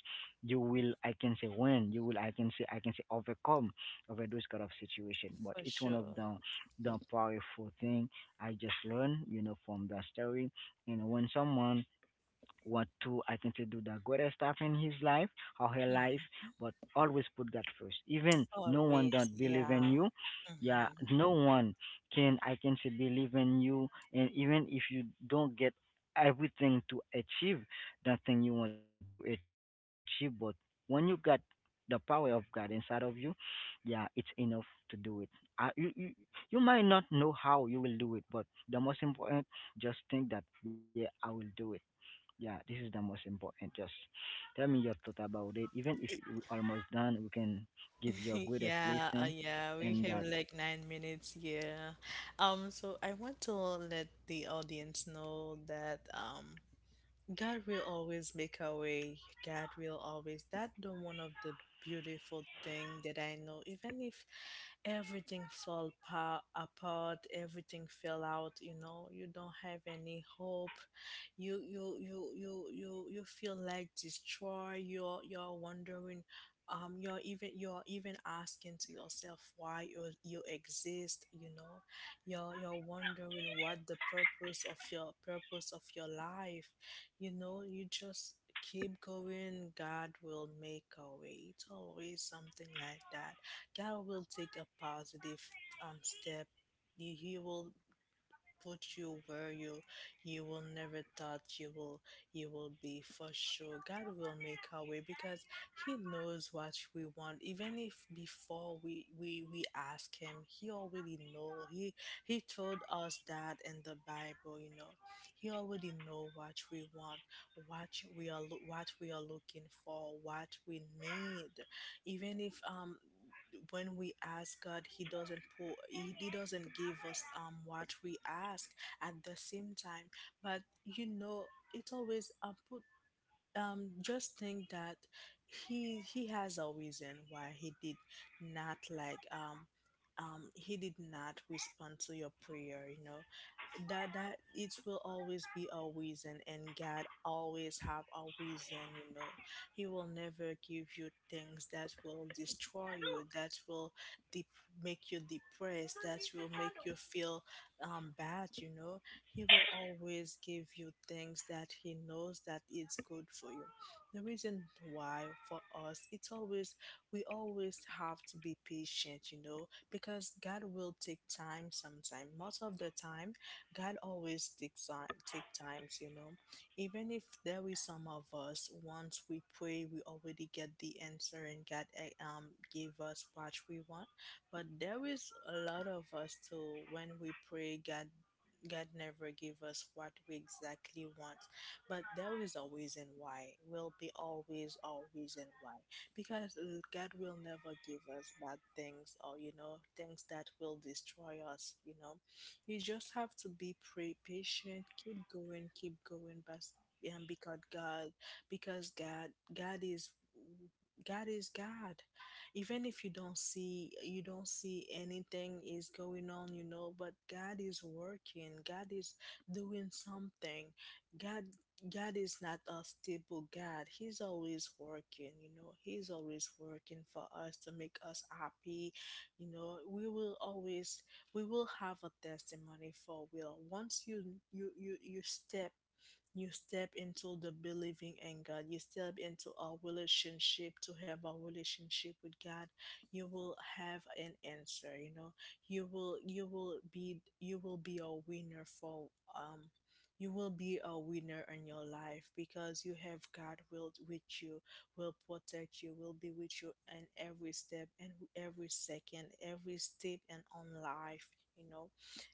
Speaker 1: you will, I can say, win, you will, I can say, overcome over those kind of situation. But
Speaker 2: for
Speaker 1: it's one of
Speaker 2: sure.
Speaker 1: the powerful thing I just learned, you know, from that story. And when someone want to, I can say, do the greatest stuff in his life or her life,
Speaker 2: Mm-hmm.
Speaker 1: but always put God first. Even no one
Speaker 2: Always.
Speaker 1: don't believe in
Speaker 2: Yeah.
Speaker 1: you. Yeah,
Speaker 2: Mm-hmm.
Speaker 1: no one can, I can say, believe in you, and even if you don't get everything to achieve that thing you want to achieve, but when you got the power of God inside of you, yeah, it's enough to do it. You you might not know how you will do it, but the most important, just think that, yeah, I will do it. Yeah, this is the most important. Just tell me your thought about it. Even if we're almost done, we can give your greatest lesson. And
Speaker 2: Yeah,
Speaker 1: that,
Speaker 2: we have like 9 minutes, yeah. So I want to let the audience know that God will always make a way. God will always. That the one of the beautiful thing that I know. Even if apart, everything fell out. You know, you don't have any hope. You feel like destroyed. You're wondering. You're even asking to yourself why you exist. You know, you're wondering what the purpose of your life, you know, you just keep going. God will make a way. It's always something like that. God will take a positive step. He will put you where you will never thought you will be, for sure God will make our way because he knows what we want. Even if before we ask him he already know. He told us that in the Bible, you know. He already know what we want, what what we are looking for, what we need. Even if when we ask God, he doesn't pour, he doesn't give us what we ask at the same time. But you know, it's always put just think that he has a reason why he did not like he did not respond to your prayer. You know, that it will always be a reason, and God always have a reason, you know. He will never give you things that will destroy you, that will dep make you depressed, that will make you feel bad, you know. He will always give you things that he knows that it's good for you. The reason why for us, it's always we always have to be patient, you know, because God will take time, sometime most of the time God always takes time, take times, you know. Even if there is some of us, once we pray, we already get the answer and God give us what we want. But there is a lot of us too. When we pray, God never give us what we exactly want. But there is a reason why. Will be always a reason why. Because God will never give us bad things, or you know, things that will destroy us. You know, you just have to be pray patient, keep going, but and because God, because God is God. Even if you don't see anything is going on, you know, but God is working. God is doing something. God God is not a stable God. He's always working, you know. He's always working for us to make us happy. You know, we will have a testimony for will once you you you step you step into the believing in God. You step into a relationship, to have a relationship with God. You will have an answer, you know. You will be a winner for um you will be a winner in your life because you have God will with you, will protect you, will be with you in every step and every second, every step and on life, you know.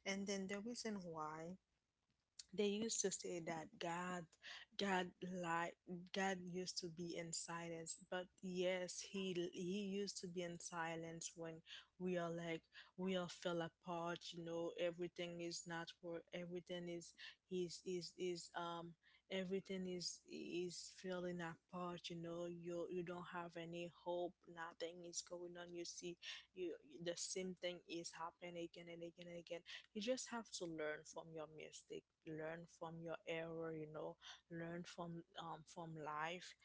Speaker 2: And then the reason why they used to say that God like God used to be in silence, but yes, he used to be in silence when we are like we all fell apart. You know, everything is not work. Is is is um everything is falling apart. You know, you don't have any hope. Nothing is going on. You see, you the same thing is happening again and again and again. You just have to learn from your mistake, learn from your error, learn from life,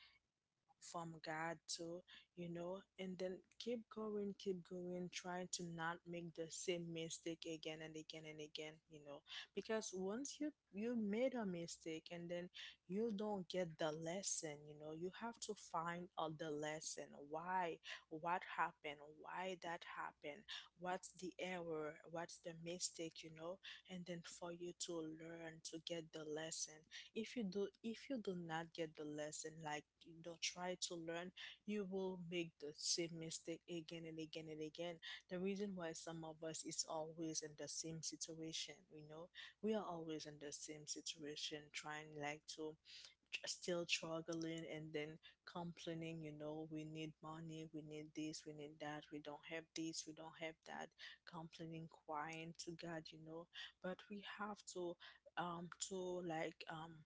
Speaker 2: from God too, you know, and then keep going, trying to not make the same mistake again and again and again. Because once you made a mistake and then you don't get the lesson, you have to find out the lesson. Why? What happened? Why that happened? What's the error? What's the mistake? And then for you to learn to get the lesson, if you do not get the lesson, like you not try to learn, you will make the same mistake again and again and again. The reason why some of us is always in the same situation, we are always in the same situation, trying like to still struggling and then complaining. We need money, we need this, we need that, we don't have this, we don't have that, complaining, crying to god, but we have to um to like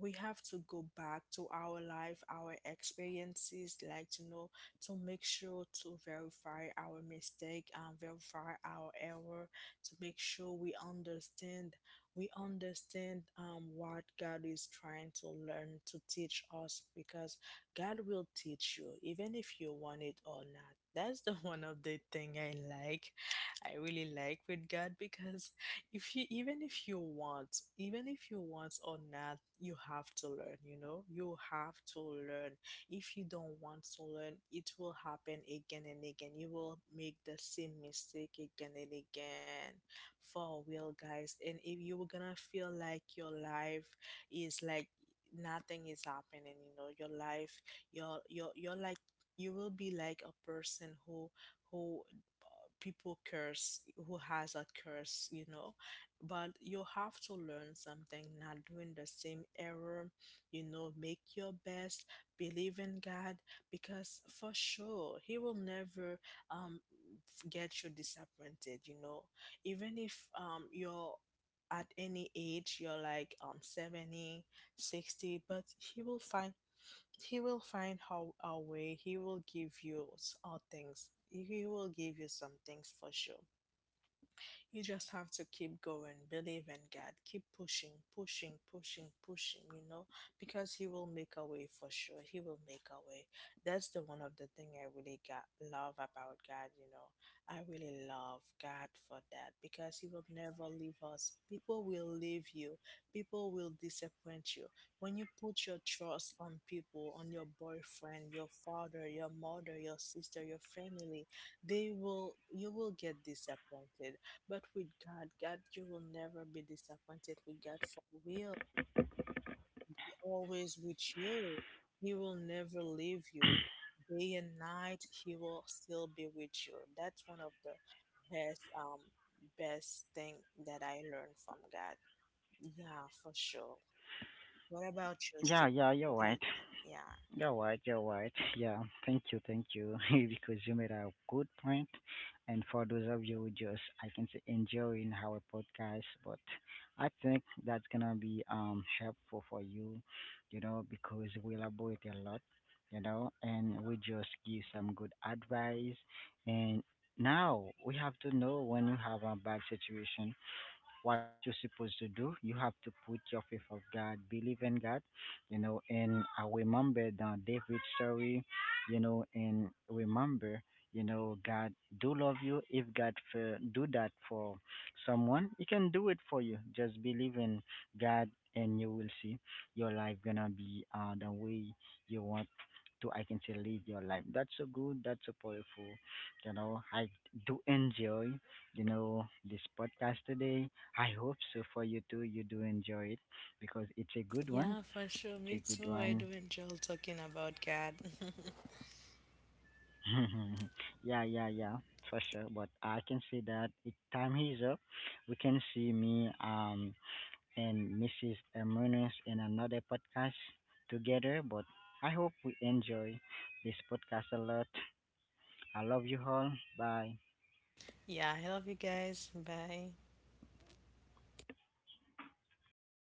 Speaker 2: we have to go back to our life, our experiences, to make sure to verify our mistake and verify our error, to make sure we understand what God is trying to learn to teach us. Because God will teach you even if you want it or not. That's the one of the thing I like. I really like with God because if you even if you want, even if you want or not, you have to learn, you have to learn. If you don't want to learn, it will happen again and again. You will make the same mistake again and again. For real, guys. And if you're gonna feel like your life is like nothing is happening, your life, your you're like you will be like a person who people curse, who has a curse, you know. But you have to learn something, not doing the same error, you know. Make your best. Believe in god, because for sure he will never um get you disappointed, you know. Even if you're at any age, you're like 70, 60, but he will find, he will find how a way. He will give you things. He will give you some things for sure. You just have to keep going, believe in God, keep pushing, pushing, pushing, pushing, you know, because He will make a way for sure. He will make a way. That's the one of the thing I really got love about God, you know. I really love God for that, because He will never leave us. People will leave you, people will disappoint you. When you put your trust on people, on your boyfriend, your father, your mother, your sister, your family, they will you will get disappointed. But with God, God, you will never be disappointed. With God, for will be always with you. He will never leave you. Day and night, He will still be with you. That's one of the best, um, best thing that I learned from God. Yeah, for sure. What about
Speaker 1: yeah,
Speaker 2: you,
Speaker 1: yeah, you're
Speaker 2: Steve?
Speaker 1: right.
Speaker 2: Do you think?
Speaker 1: You're
Speaker 2: Yeah.
Speaker 1: right, you're right. Yeah, thank you, because you made a good point. And for those of you who just, I can say, enjoying our podcast, but I think that's gonna be helpful for you, you know, because we elaborate a lot, you know, and we just give some good advice. And now we have to know, when you have a bad situation, what you're supposed to do. You have to put your faith of God, believe in God, you know, and I remember the David story, you know, and remember, you know, God do love you. If do that for someone, He can do it for you. Just believe in God, and you will see your life gonna be the way you want to, I can say, live your life. That's so good, that's so powerful. You know, I do enjoy, you know, this podcast today. I hope so for you too. You do enjoy it because it's a good one.
Speaker 2: Yeah, for
Speaker 1: It's a
Speaker 2: sure.
Speaker 1: good
Speaker 2: Me
Speaker 1: one.
Speaker 2: too. I do enjoy talking about God.
Speaker 1: Yeah, for sure. But I can see that it time is up. We can see me and Mrs. Munoz in another podcast together. But I hope we enjoy this podcast a lot. I love you all. Bye.
Speaker 2: Yeah, I love you guys. Bye.